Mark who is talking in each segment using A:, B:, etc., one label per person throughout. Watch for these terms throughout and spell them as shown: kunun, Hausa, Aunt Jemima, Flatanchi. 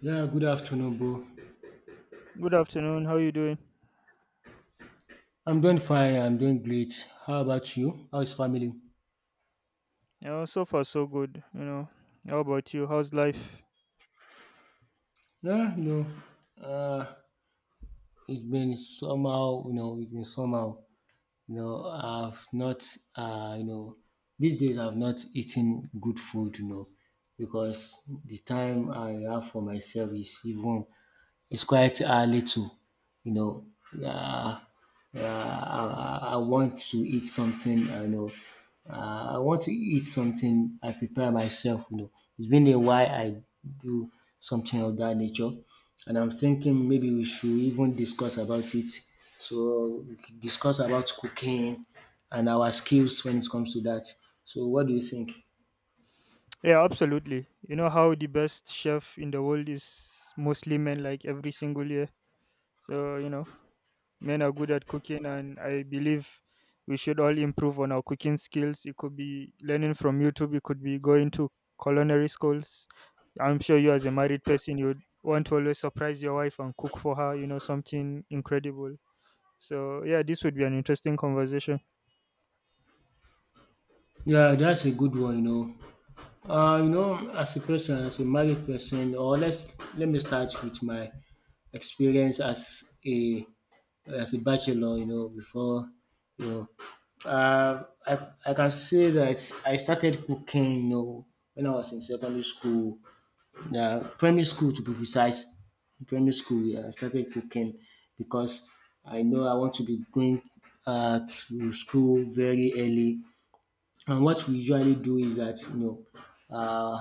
A: Yeah, good afternoon, bro.
B: Good afternoon. How you doing?
A: I'm doing fine. I'm doing great. How about you? How is family?
B: You know, so far so good. You know, how about you? How's life?
A: Yeah, it's been somehow, it's been somehow, I've not, uh, you know, these days I've not eaten good food, because the time I have for myself is even it's quite little, you know. Uh, I want to eat something, I want to eat something. I prepare myself, It's been a while I do something of that nature, and I'm thinking maybe we should even discuss about it. So we could discuss about cooking and our skills when it comes to that. So what do you think?
B: Yeah, absolutely. You know how the best chef in the world is mostly men, like every single year. So you know, men are good at cooking, and I believe we should all improve on our cooking skills. It could be learning from YouTube. It could be going to culinary schools. I'm sure you, as a married person, you'd want to always surprise your wife and cook for her. You know, something incredible. So yeah, this would be an interesting conversation.
A: Yeah, that's a good one, as a person, as a married person, or let me start with my experience as a bachelor. Before you I can say that I started cooking. You know, when I was in secondary school, primary school to be precise. Primary school, yeah, I started cooking because I know I want to be going to school very early. And what we usually do is that, you know, Uh,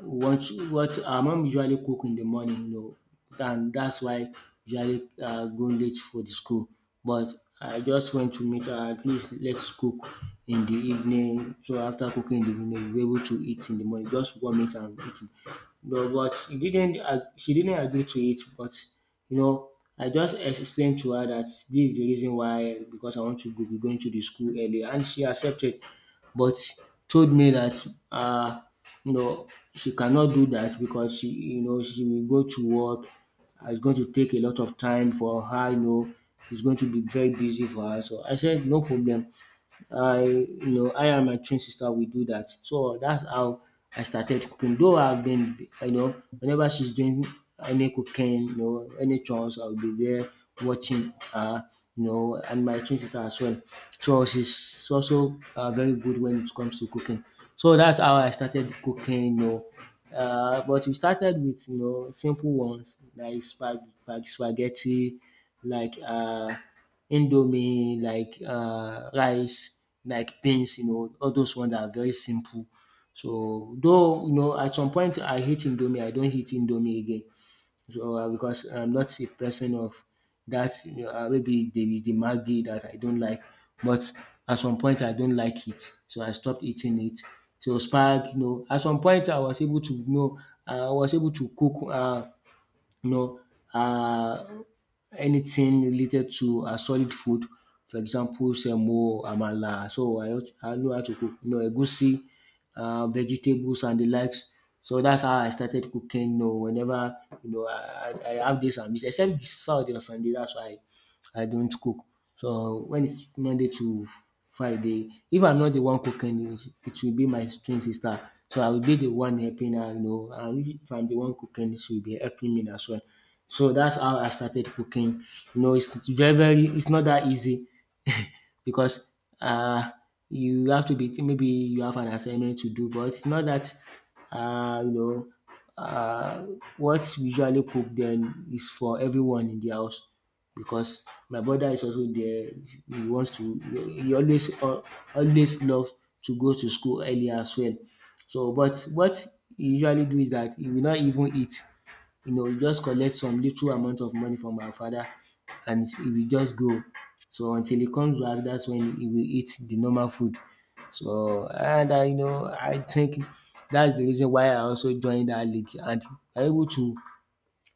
A: what our mom usually cook in the morning, you know, and that's why usually go late for the school. But I just want to meet her. At least let's cook in the evening. So after cooking in the evening, we're able to eat in the morning. Just warm it and eat it. No, but she didn't. She didn't agree to it. But you know, I just explained to her that this is the reason why, because I want to go, be going to the school early, and she accepted but told me that you know she cannot do that, because she, she will go to work, and it's going to take a lot of time for her, you know. It's going to be very busy for her, so I said no problem. I you know I and my twin sister, we do that. So that's how I started cooking. Though I've been, whenever she's doing any cooking, any chores, I'll be there watching her, and my twin sister as well. So she's also very good when it comes to cooking. So that's how I started cooking, but we started with, you know, simple ones like spaghetti, like indomie, like rice, like beans, you know, all those ones are very simple. So though, you know, at some point I hate indomie, I don't hate indomie again. So because I'm not a person of that, you know, maybe there is the Maggi that I don't like, but at some point I don't like it. So I stopped eating it. So spark, you know, at some point I was able to, you know, I was able to cook. You know, uh, anything related to solid food. For example, semo, amala. So I, I know how to cook. You know, egusi, vegetables and the likes. So that's how I started cooking. You know, whenever, you know, I have this and this, except this Saturday or Sunday. That's why I don't cook. So when it's Monday to Friday, if I'm not the one cooking, it will be my twin sister. So I will be the one helping her, you know. And if I'm the one cooking, she will be helping me as well. So that's how I started cooking. You know, it's very, very, it's not that easy because uh, you have to be, maybe you have an assignment to do, but it's not that, uh, you know, uh, what we usually cook then is for everyone in the house, because my brother is also there. He wants to. He always always love to go to school early as well. So, but what he usually do is that he will not even eat. You know, he just collect some little amount of money from my father, and he will just go. So until he comes back, that's when he will eat the normal food. So, and I, you know, I think that's the reason why I also joined that league, and I'm able to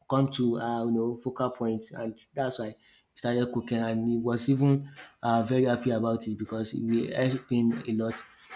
A: come to, you know, focal point, and that's why he started cooking, and he was even very happy about it because we helped him a lot,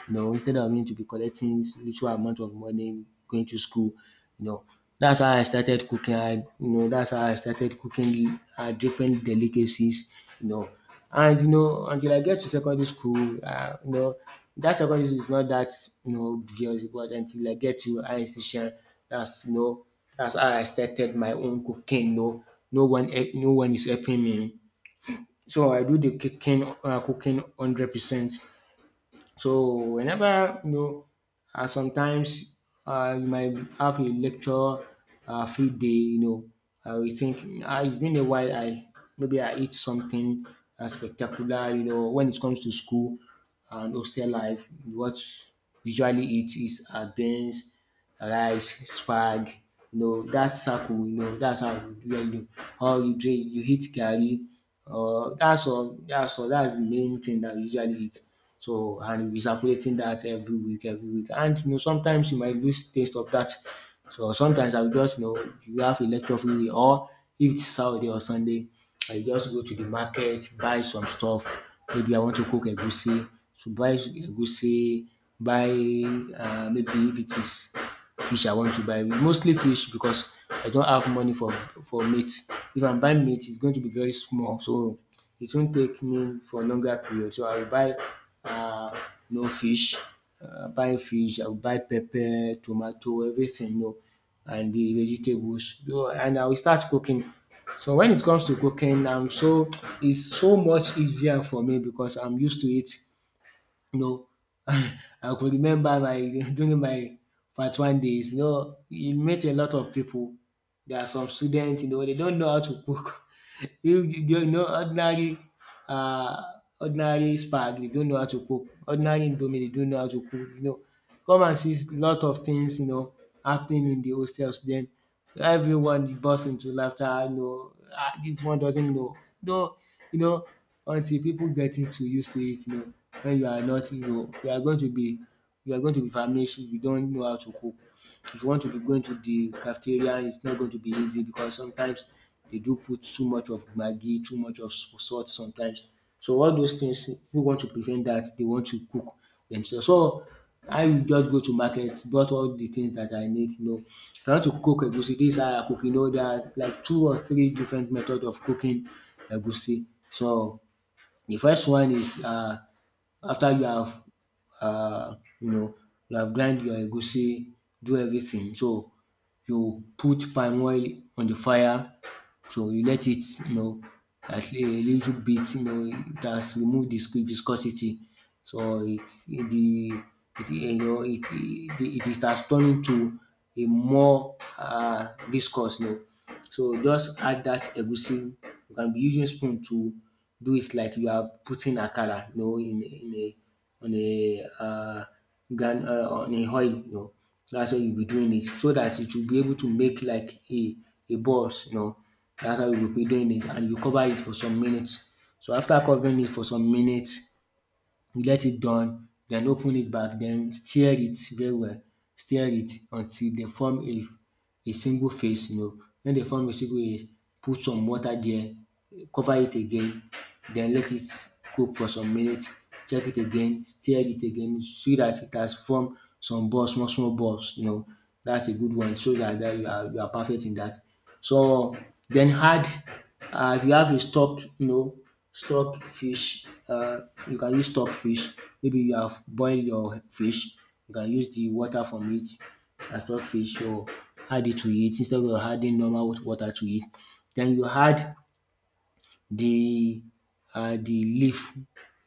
A: you know, instead of me to be collecting little amount of money going to school, you know. That's how I started cooking. I, you know, that's how I started cooking different delicacies, you know. And you know, until I get to secondary school, that secondary school is not that, you know, obvious, but until I get to high institution, that's, you know, that's how I started my own cooking. No, no one, no one is helping me. So I do the cooking, cooking 100%. So whenever, you know, sometimes you might have a lecture free day. You know, I will think, it's been a while. I, maybe I eat something spectacular. You know, when it comes to school and hostel life, what usually eat is beans, rice, spag, you know, dat circle, you know, dats how we usually do. It. Or you drink, you eat garri. That's all, dats all, that's the main thing that we usually eat. So, and we are circulating that every week every week, and you know, sometimes you might lose taste of that. So sometimes I will just, you know, you have a lecture free day, or if it's Saturday or Sunday, I just go to the market, buy some stuff. Maybe I want to cook egusi, so buy egusi, buy maybe if it is fish I want to buy. Mostly fish because I don't have money for meat. If I'm buying meat, it's going to be very small, so it won't take me for longer period. So I will buy um you fish, buy fish. I will buy pepper, tomato, everything, you know, and the vegetables. So, and I will start cooking. So when it comes to cooking, I'm so it's so much easier for me because I'm used to it, you know. I could remember my during my part one days, you know, you meet a lot of people. There are some students, you know, they don't know how to cook. You know, ordinary um spag, they don't know how to cook, ordinary indomie they don't know how to cook, you know. Come and see lot of things, you know, happening in the hostels. Then everyone bursts into laughter, you know. Dis one doesn't know. No, you know, until people getting to used to it, you know, when you are not, you are going to be, you are going to be famished if you don't know how to cook. If you want to be going to the cafeteria, it's not going to be easy, because sometimes they do put too much of maggi, too much of salt sometimes. So all those things, who want to prevent that, they want to cook themselves. So I will just go to market, bought all the things that I need, you know. If I want to cook egusi, this is how I cook, you know, there are like two or three different methods of cooking egusi. So the first one is. After you have, uh, you know you have grind your egusi, do everything, so you put palm oil on the fire, so you let it, you know, at a little bit, you know, it has removed the viscosity. So it's the it, you know, it is has turned into a more viscous, you know. So just add that egusi, you can be using spoon to do it like you are putting akara, you know, in a on a ground on a oil, you know. Dats how you'll be doing it so that it will be able to make like a balls, you know. Dats how you will be doing it, and you cover it for some minutes. So after covering it for some minutes, you let it done, then open it back. Then stir it very well, stir it until they form a single face. You know. When they form a single face, put some water there, cover it again. Then let it cook for some minutes, check it again, stir it again so that it has formed some balls, small small balls, you know. That's a good one, so that you are perfect in that. So then add if you have a stock, you know, stockfish. You can use stockfish. Maybe you have boiled your fish, you can use the water from it as stockfish, or add it to it instead of adding normal water to it. Then you add the the leaf,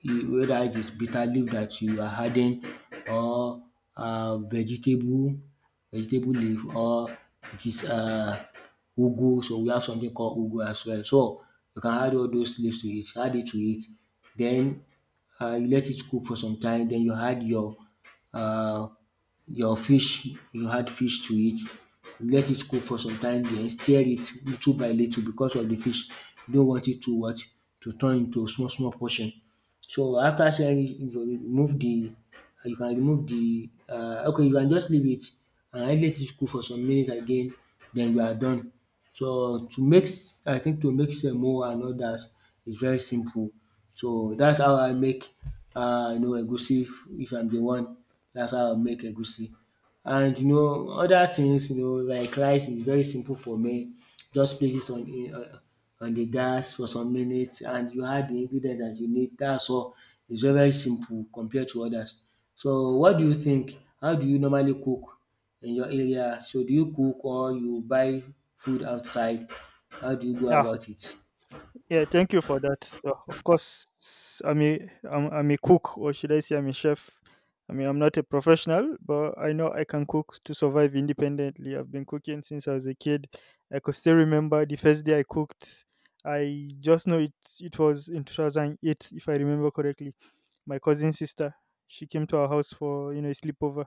A: whether it is bitter leaf that you are adding, or vegetable, leaf, or it is ugu. So we have something called ugu as well. So you can add all those leaves to it, add it to it. Then you let it cook for some time, then you add uh, your fish, you had fish to eat. You let it cook for some time, then stir it little by little because of the fish. You don't want it to what, to turn into small small portion. So after stirring it, you remove the, you can remove the okay, you can just leave it and let it cook for some minutes again. Then you are done. So to mix, I think to mix semo and others is very simple. So that's how I make you know, egusi, if I'm the one. That's how I make egusi. And you know, other things, you know, like rice is very simple for me. Just place it on the gas for some minutes, and you add the ingredients that you need. That's all. It's very very simple compared to others. So, what do you think? How do you normally cook in your area? So, do you cook or you buy food outside? How do you go about it?
B: Yeah, thank you for that. Of course, I'm a cook, or should I say, I'm a chef. I mean, I'm not a professional, but I know I can cook to survive independently. I've been cooking since I was a kid. I could still remember the first day I cooked. I just know it. It was in 2008, if I remember correctly. My cousin sister, she came to our house for a sleepover.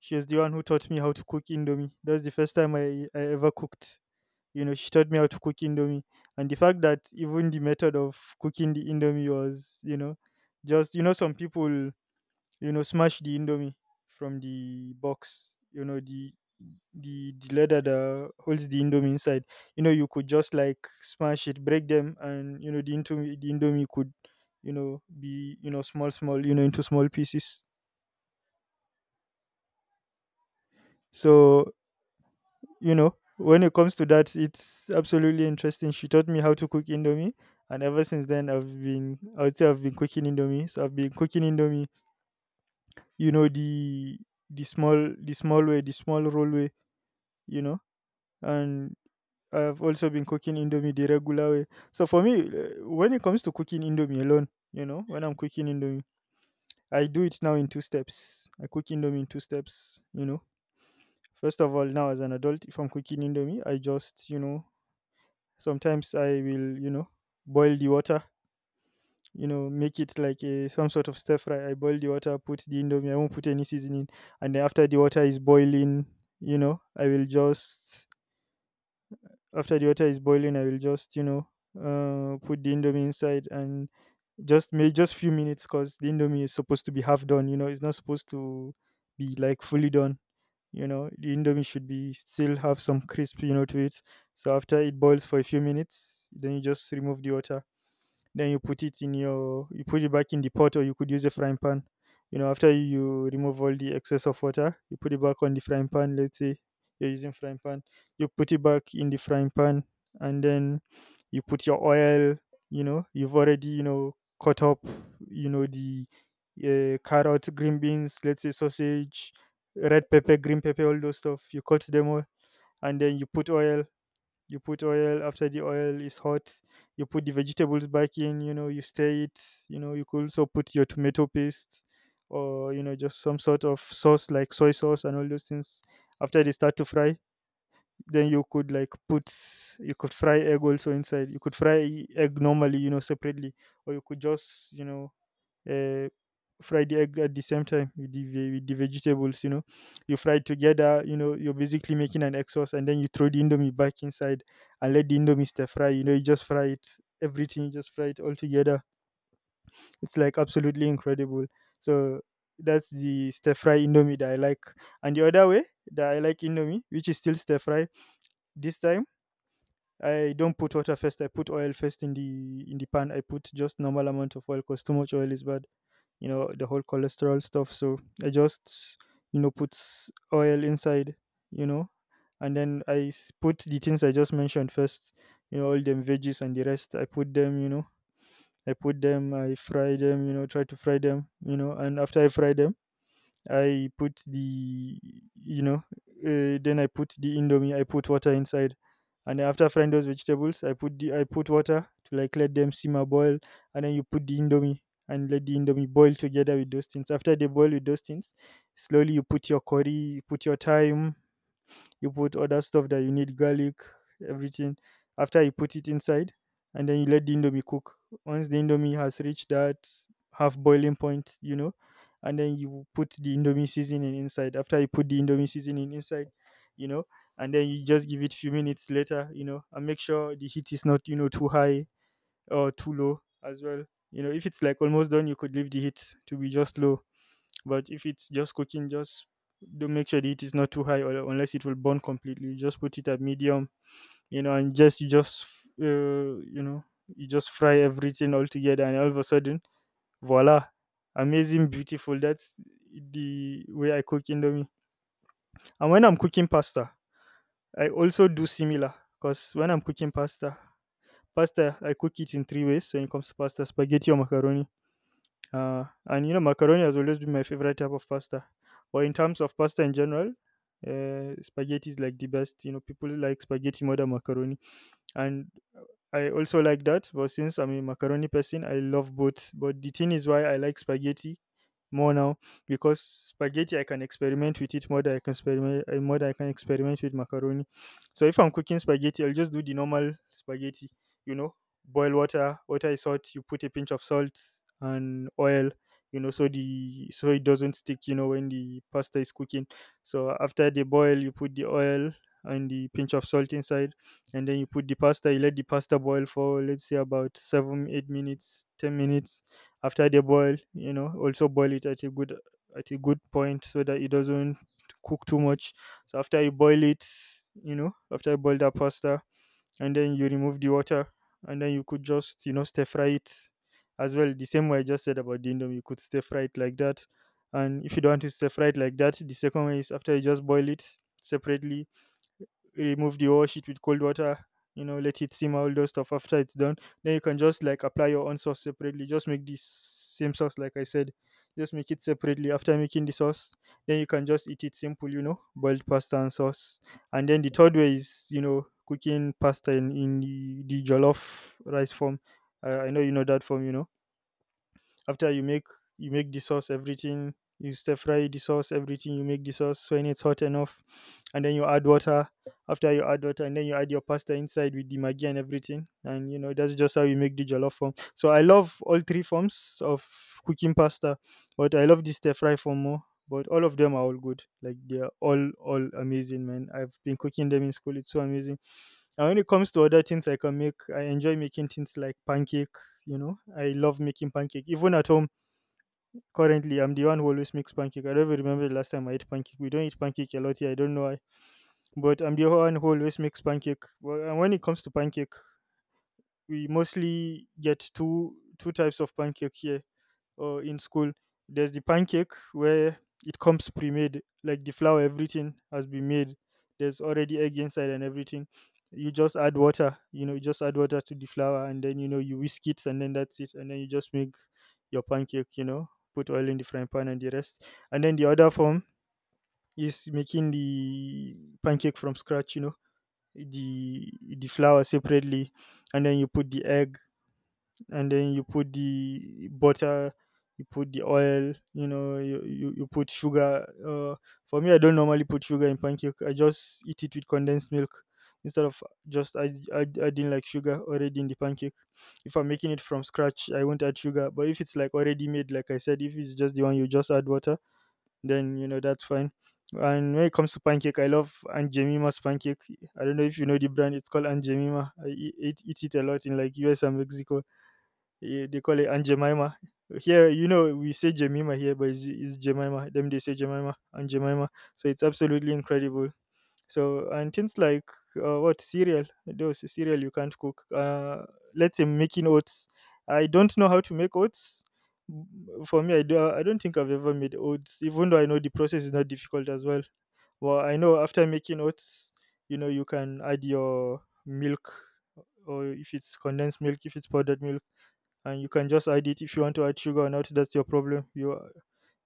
B: She was the one who taught me how to cook indomie. That was the first time I ever cooked. You know, she taught me how to cook indomie, and the fact that even the method of cooking the indomie was, you know, just, you know, some people, you know, smash the indomie from the box, you know, the the leather that holds the indomie inside. You know, you could just like smash it, break them, and you know, the indomie could, you know, be, you know, small small, you know, into small pieces. So you know, when it comes to that, it's absolutely interesting. She taught me how to cook indomie, and ever since then, I would say I've been cooking indomie. So I've been cooking indomie, you know, the small, the small way, the small roll way, you know. And I've also been cooking indomie the regular way. So for me, when it comes to cooking indomie alone, you know, when I'm cooking indomie, I do it now in two steps. I cook indomie in two steps, you know. First of all, now as an adult, if I'm cooking indomie, I just, you know, sometimes I will, you know, boil the water, you know, make it like some sort of stir fry. I boil the water, put the indomie, I won't put any seasoning. And then after the water is boiling, you know, after the water is boiling, I will just, you know, put the indomie inside and just may just few minutes, because the indomie is supposed to be half done, you know, it's not supposed to be like fully done. You know, the indomie should be still have some crisp, you know, to it. So after it boils for a few minutes, then you just remove the water, then you put it in your, you put it back in the pot, or you could use a frying pan, you know. After you remove all the excess of water, you put it back on the frying pan, let's say you're using frying pan, you put it back in the frying pan, and then you put your oil. You know, you've already, you know, cut up, you know, the carrot, green beans, let's say sausage, red pepper, green pepper, all those stuff. You cut them all, and then you put oil. You put oil. After the oil is hot, you put the vegetables back in, you know, you stir it. You know, you could also put your tomato paste, or you know, just some sort of sauce like soy sauce and all those things. After they start to fry, then you could like put, you could fry egg also inside. You could fry egg normally, you know, separately, or you could just, you know, uh, fry the egg at the same time with the, with the vegetables, you know. You fry it together, you know, you're basically making an egg sauce, and then you throw the indomie back inside and let the indomie stir fry. You know, you just fry it, everything, you just fry it all together. It's like absolutely incredible. So that's the stir fry indomie that I like. And the other way that I like indomie, which is still stir fry, this time I don't put water first. I put oil first in the pan. I put just normal amount of oil, because too much oil is bad, you know, the whole cholesterol stuff. So I just, you know, put oil inside, you know, and then put the things I just mentioned first. You know, all them veggies and the rest, I put them, you know, I put them, I fry them, you know, try to fry them, you know. And after I fry them, I put the, you know, then I put the indomie. I put water inside, and after frying those vegetables, I put water to like let them simmer boil, and then you put the indomie and let the indomie boil together with those things. After they boil with those things, slowly you put your curry, you put your thyme, you put other stuff that you need, garlic, everything. After you put it inside, and then you let the indomie cook. Once the indomie has reached that half boiling point, you know, and then you put the indomie seasoning inside. After you put the indomie seasoning inside, you know, and then you just give it few minutes later, you know, and make sure the heat is not, you know, too high or too low as well. You know, if it's like almost done, you could leave the heat to be just low. But if it's just cooking, just, don't make sure the heat is not too high, or unless it will burn completely. Just put it at medium, you know, and just you just, you know, you just fry everything all together, and all of a sudden, voila, amazing, beautiful. That's the way I cook indomie. And when I'm cooking pasta, I also do similar, because when I'm cooking pasta, pasta I cook it in three ways. When it comes to pasta, spaghetti or macaroni. And you know, macaroni has always been my favorite type of pasta. But in terms of pasta in general, spaghetti is like the best. You know, people like spaghetti more than macaroni. And I also like that, but since I'm a macaroni person, I love both. But the thing is why I like spaghetti more now, because spaghetti I can experiment with it more than I can experiment, more than I can experiment with macaroni. So if I'm cooking spaghetti, I'll just do the normal spaghetti. You know, boil water, water is hot. You put a pinch of salt and oil. You know, so the, so it doesn't stick. You know, when the pasta is cooking. So after they boil, you put the oil and the pinch of salt inside, and then you put the pasta. You let the pasta boil for let's say about 7 8 minutes, 10 minutes. After they boil, you know, also boil it at a good, at a good point so that it doesn't cook too much. So after you boil it, you know, after you boil that pasta, and then you remove the water, and then you could just, you know, stir fry it as well, the same way I just said about the indomie. You could stir fry it like that. And if you don't want to stir fry it like that, the second way is after you just boil it separately, remove the whole shit with cold water, you know, let it simmer, all those stuff. After it's done, then you can just like apply your own sauce separately. Just make the same sauce, like I said. Just make it separately. After making the sauce, then you can just eat it simple, you know, boiled pasta and sauce. And then the third way is, you know, cooking pasta in, the jollof rice form. I know you know that form, you know, after you make, you make the sauce, everything. You stir fry the sauce, everything. You make the sauce, so when it's hot enough and then you add water. After you add water, and then you add your pasta inside with the maggi and everything. And you know that's just how you make the jollof form. So I love all three forms of cooking pasta, but I love the stir fry form more. But all of them are all good, like they're all amazing, man. I've been cooking them in school. It's so amazing. And when it comes to other things I can make, I enjoy making things like pancake. You know, I love making pancake even at home. Currently, I'm the one who always makes pancake. I don't even remember the last time I ate pancake. We don't eat pancake a lot here. I don't know why, but I'm the one who always makes pancake. Well, and when it comes to pancake, we mostly get two types of pancake here or in school. There's the pancake where it comes pre-made, like the flour, everything has been made. There's already egg inside and everything. You just add water, you know, you just add water to the flour, and then you know, you whisk it and then that's it. And then you just make your pancake, you know, put oil in the frying pan and the rest. And then the other form is making the pancake from scratch, you know, the flour separately, and then you put the egg, and then you put the butter, you put the oil, you know, you put sugar. For me, I don't normally put sugar in pancake. I just eat it with condensed milk instead of just adding like sugar already in the pancake. If I'm making it from scratch, I won't add sugar. But if it's like already made, like I said, if it's just the one you just add water, then you know that's fine. And when it comes to pancake, I love Aunt Jemima's pancake. I don't know if you know the brand. It's called Aunt Jemima. I eat it a lot in like US and Mexico. Yeah, they call it Aunt Jemima. Here, you know, we say Jemima here, but it's Jemima. Them they say Jemima, Aunt Jemima. So it's absolutely incredible. So and things like, what cereal? Those cereal you can't cook. Let's say making oats. I don't know how to make oats. For me, I do. I don't think I've ever made oats, even though I know the process is not difficult as well. Well, I know after making oats, you know, you can add your milk, or if it's condensed milk, if it's powdered milk, and you can just add it. If you want to add sugar or not, that's your problem. you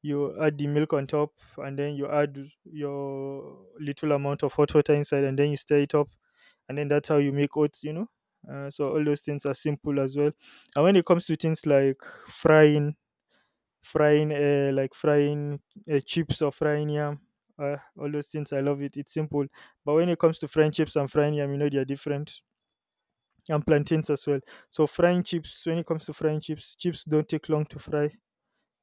B: you add the milk on top and then you add your little amount of hot water inside and then you stir it up, and then that's how you make oats, you know. So all those things are simple as well. And when it comes to things like frying, frying chips or frying yam, all those things, I love it, it's simple. But when it comes to frying chips and frying yam, you know they are different, and plantains as well. So frying chips, when it comes to frying chips, chips don't take long to fry.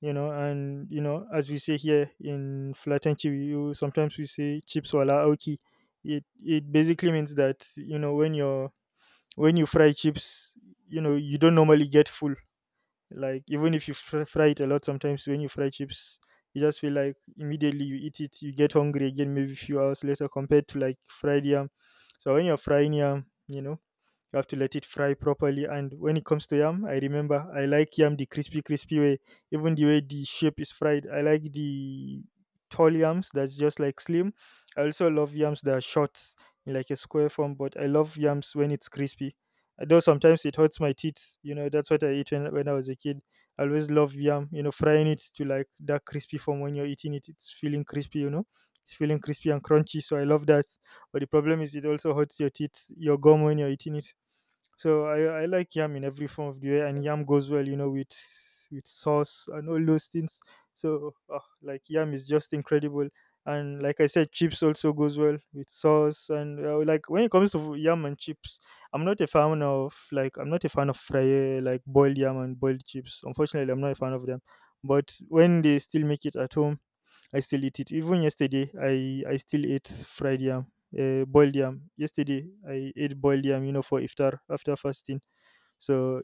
B: You know, and you know, as we say here in Flatanchi, you sometimes we say chips wala aoki. It basically means that you know when you're, when you fry chips, you know you don't normally get full. Like even if you fry it a lot, sometimes when you fry chips, you just feel like immediately you eat it, you get hungry again maybe a few hours later compared to like fried yam. So when you're frying yam, you know you have to let it fry properly. And when it comes to yam, I remember I like yam the crispy, crispy way. Even the way the shape is fried, I like the tall yams that's just like slim. I also love yams that are short, in like a square form. But I love yams when it's crispy. Though sometimes it hurts my teeth, you know. That's what I ate when I was a kid. I always love yam, you know, frying it to like that crispy form. When you're eating it, it's feeling crispy, you know. It's feeling crispy and crunchy, so I love that. But the problem is, it also hurts your teeth, your gum when you're eating it. So I like yam in every form of the way, and yam goes well, you know, with sauce and all those things. So ah, like yam is just incredible, and like I said, chips also goes well with sauce. And like when it comes to yam and chips, I'm not a fan of like, I'm not a fan of fry, like boiled yam and boiled chips. Unfortunately, I'm not a fan of them. But when they still make it at home, I still eat it. Even yesterday, I still ate fried yam, boiled yam. Yesterday, I ate boiled yam, you know, for iftar after fasting. So,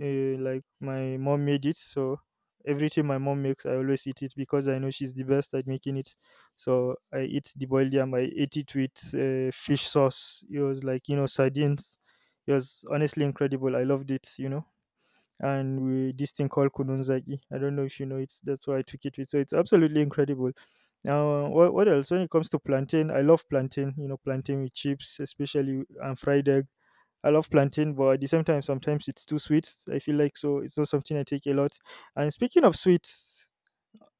B: like my mom made it. So everything my mom makes, I always eat it because I know she's the best at making it. So I eat the boiled yam. I ate it with fish sauce. It was like, you know, sardines. It was honestly incredible. I loved it. You know, and we this thing called kunun, I don't know if you know it. That's why I took it with. So it's absolutely incredible. Now, what else? When it comes to plantain, I love plantain. You know, plantain with chips, especially, and fried egg. I love plantain, but at the same time, sometimes it's too sweet, I feel like, so it's not something I take a lot. And speaking of sweets,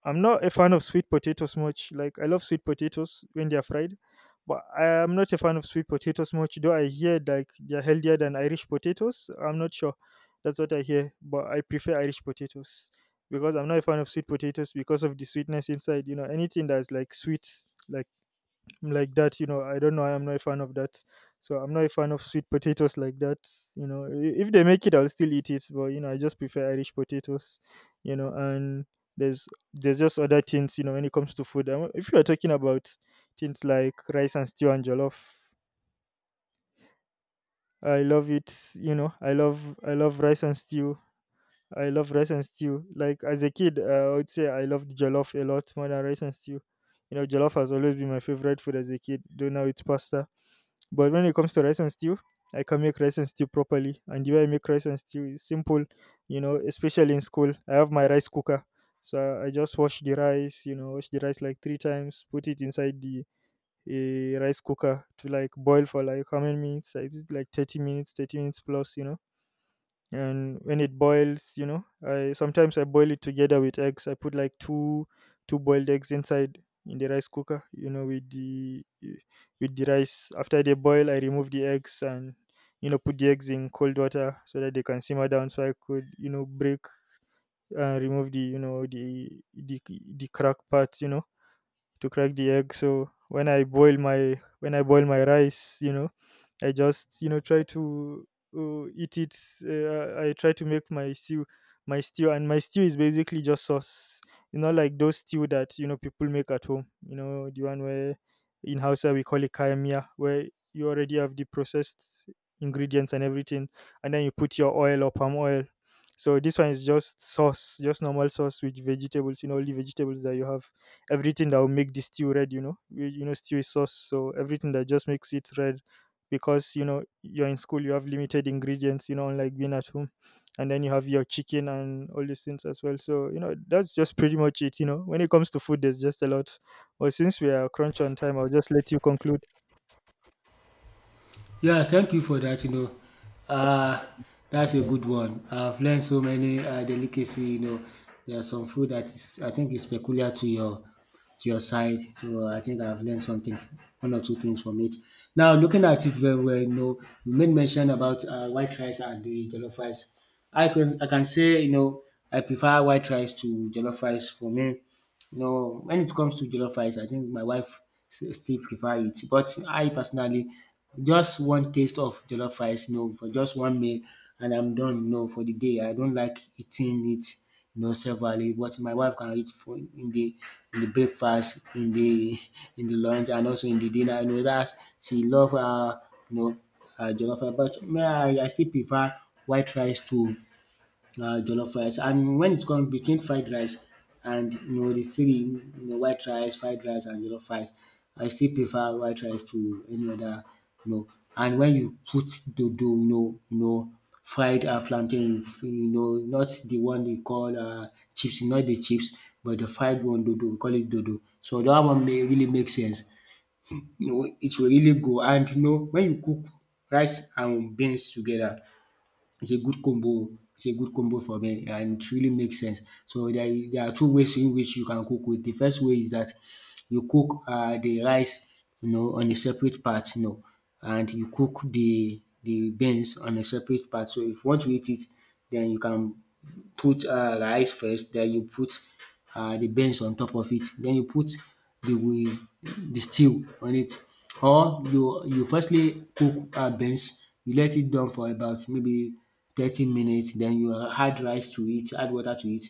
B: I'm not a fan of sweet potatoes much. Like I love sweet potatoes when they are fried, but I am not a fan of sweet potatoes much. Though I hear like they're healthier than Irish potatoes. I'm not sure. That's what I hear, but I prefer Irish potatoes because I'm not a fan of sweet potatoes because of the sweetness inside. You know, anything that's like sweet, like that, you know, I don't know, I'm not a fan of that. So I'm not a fan of sweet potatoes like that. You know, if they make it, I'll still eat it, but you know, I just prefer Irish potatoes. You know, and there's there's just other things, you know. When it comes to food, and if you are talking about things like rice and stew and jollof, I love it. You know, I love, I love rice and stew. I love rice and stew. Like as a kid, I would say I loved jollof a lot more than rice and stew. You know, jollof has always been my favorite food as a kid, though now it's pasta. But when it comes to rice and stew, I can make rice and stew properly. And the way I make rice and stew is simple, you know, especially in school. I have my rice cooker. So I just wash the rice, you know, wash the rice like 3 times, put it inside the rice cooker to like boil for like how many minutes? I think like 30 minutes, 30 minutes plus, you know. And when it boils, you know, I sometimes I boil it together with eggs. I put like two boiled eggs inside in the rice cooker, you know, with the rice. After they boil, I remove the eggs, and you know, put the eggs in cold water so that they can simmer down, so I could, you know, break and remove the, you know, the crack part, you know, to crack the egg. So when I boil my rice, you know, I just, you know, try to eat it. I try to make my stew, and my stew is basically just sauce. You know, like those stew that you know people make at home. You know, the one where in Hausa we call it kayamiya, where you already have the processed ingredients and everything, and then you put your oil or palm oil. So this one is just sauce, just normal sauce with vegetables, you know, only vegetables that you have, everything that will make the stew red. You know, you know stew is sauce, so everything that just makes it red, because you know you're in school, you have limited ingredients, you know, unlike being at home. And then you have your chicken and all these things as well. So you know, that's just pretty much it. You know, when it comes to food, there's just a lot. But since we are crunch on time, I'll just let you conclude.
A: Yeah, thank you for that. You know, uh, that's a good one. I've learned so many delicacy. You know, there are some food that is, I think is peculiar to your side. So I think I've learned something, one or two things from it. Now, looking at it very well, you know, you made mention about white rice and the jollof rice. I can say, you know, I prefer white rice to jollof rice for me. No, when it comes to jollof rice, I think my wife still prefer it. But I personally, just one taste of jollof rice, no, for just one meal, and I'm done. No, for the day. I don't like eating it, you know, severally. But my wife can eat for in the, in the breakfast, in the, in the lunch, and also in the dinner. You know that she love, you know, jollof rice. But me, I still prefer white rice to jollof rice. And when it's comes between fried rice and, you know, the three, you know, white rice, fried rice, and jollof rice, I still prefer white rice to any other, you know. And when you put dodo, you know, fried plantain, you know, not the one they call chips, not the chips, but the fried one dodo, we call it dodo. So that one may really make sense. You know, it will really go. And you know, when you cook rice and beans together, it's a good combo. It's a good combo for me and it really makes sense. So there are two ways in which you can cook with. The first way is that you cook the rice, you know, on a separate part, you know, and you cook the beans on a separate part. So if you want to eat it, then you can put rice first. Then you put de beans on top of it. Then you put de the stew on it. Or you firstly cook beans, you let it done for about maybe 30 minutes. Then you add rice to it, add water to it.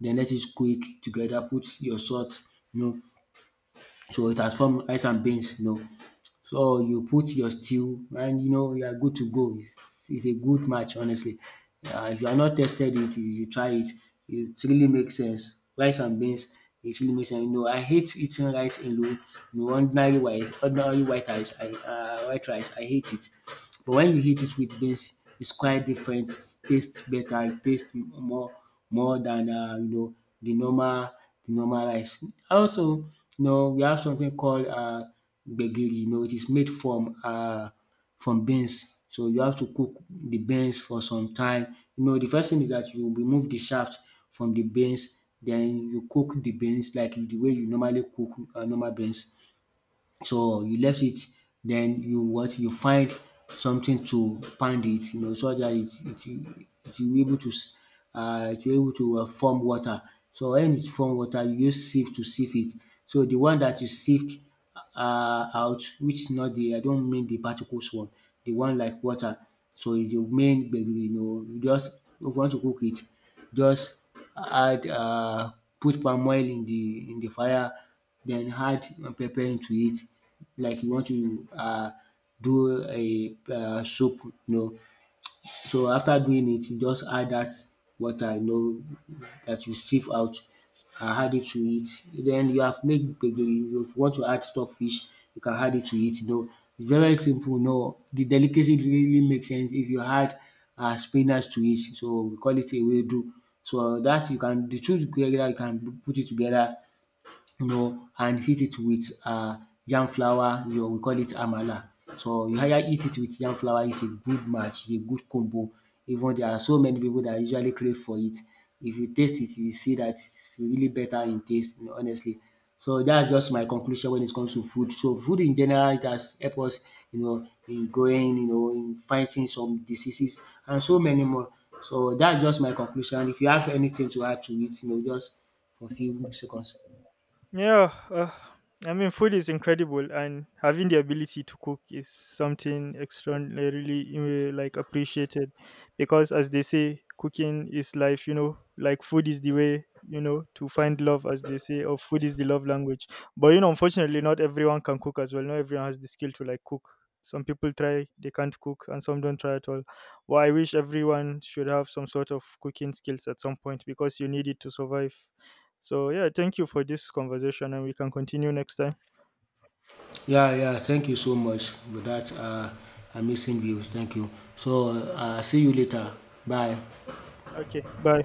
A: Then let it cook together, put your salt, you know, so it has formed rice and beans, you know. So you put your stew and you know you are good to go. It's a good match, honestly. If you are not tested it, you should try it. It really makes sense. Rice and beans, it really makes sense. You know, I hate eating rice alone. You know, ordinary white rice, I hate it. But when you eat it with beans, it's quite different. Tastes better. It taste more than you know the normal, the normal rice. Also, you know, we have something called gbegiri, you know, it is made from beans. So you have to cook the beans for some time. You know, the first thing is that you remove the shaft from the beans, then you cook the beans like the way you normally cook normal beans. So you left it, then you what, you find something to pound it, you know, so that it it will be able to it will be able to form water. So when it's form water, you use sieve to sieve it. So the one that you sieved out, which is not the, I don't mean the particles one, the one like water. So it's the main gbegiri, you know, you just, if you want to cook it, just add put palm oil in the, in the fire, then add pepper into it, like you want to do a soup, you know. So after doing it, you just add that water, you know, that you sieve out and add it to it. Then you have made gbegiri. If you want to add stock fish, you can add it to it, you know. It's very simple, you know. The delicacy really makes sense if you add spinach to it, so we call it a ewedu. So that you can, the two together you can put it together, you know, and eat it with yam flour, you know, we call it amala. So you either eat it with yam flour, it's a good match, it's a good combo. Even there are so many people that usually crave for it. If you taste it, you see that it's really better in taste, you know, honestly. So that's just my conclusion when it comes to food. So food in general, it has helped us, you know, in growing, you know, in fighting some diseases and so many more. So that's just my conclusion. If you have anything to add to it, you know, just for a few seconds.
B: Yeah, I mean, food is incredible, and having the ability to cook is something extraordinarily like appreciated, because as they say, cooking is life. You know, like food is the way, you know, to find love, as they say, or food is the love language. But you know, unfortunately, not everyone can cook as well. Not everyone has the skill to like cook. Some people try, they can't cook, and some don't try at all. Well, I wish everyone should have some sort of cooking skills at some point because you need it to survive. So yeah, thank you for this conversation and we can continue next time.
A: Yeah, yeah. Thank you so much for that amazing views. Thank you. So, see you later. Bye.
B: Okay, bye.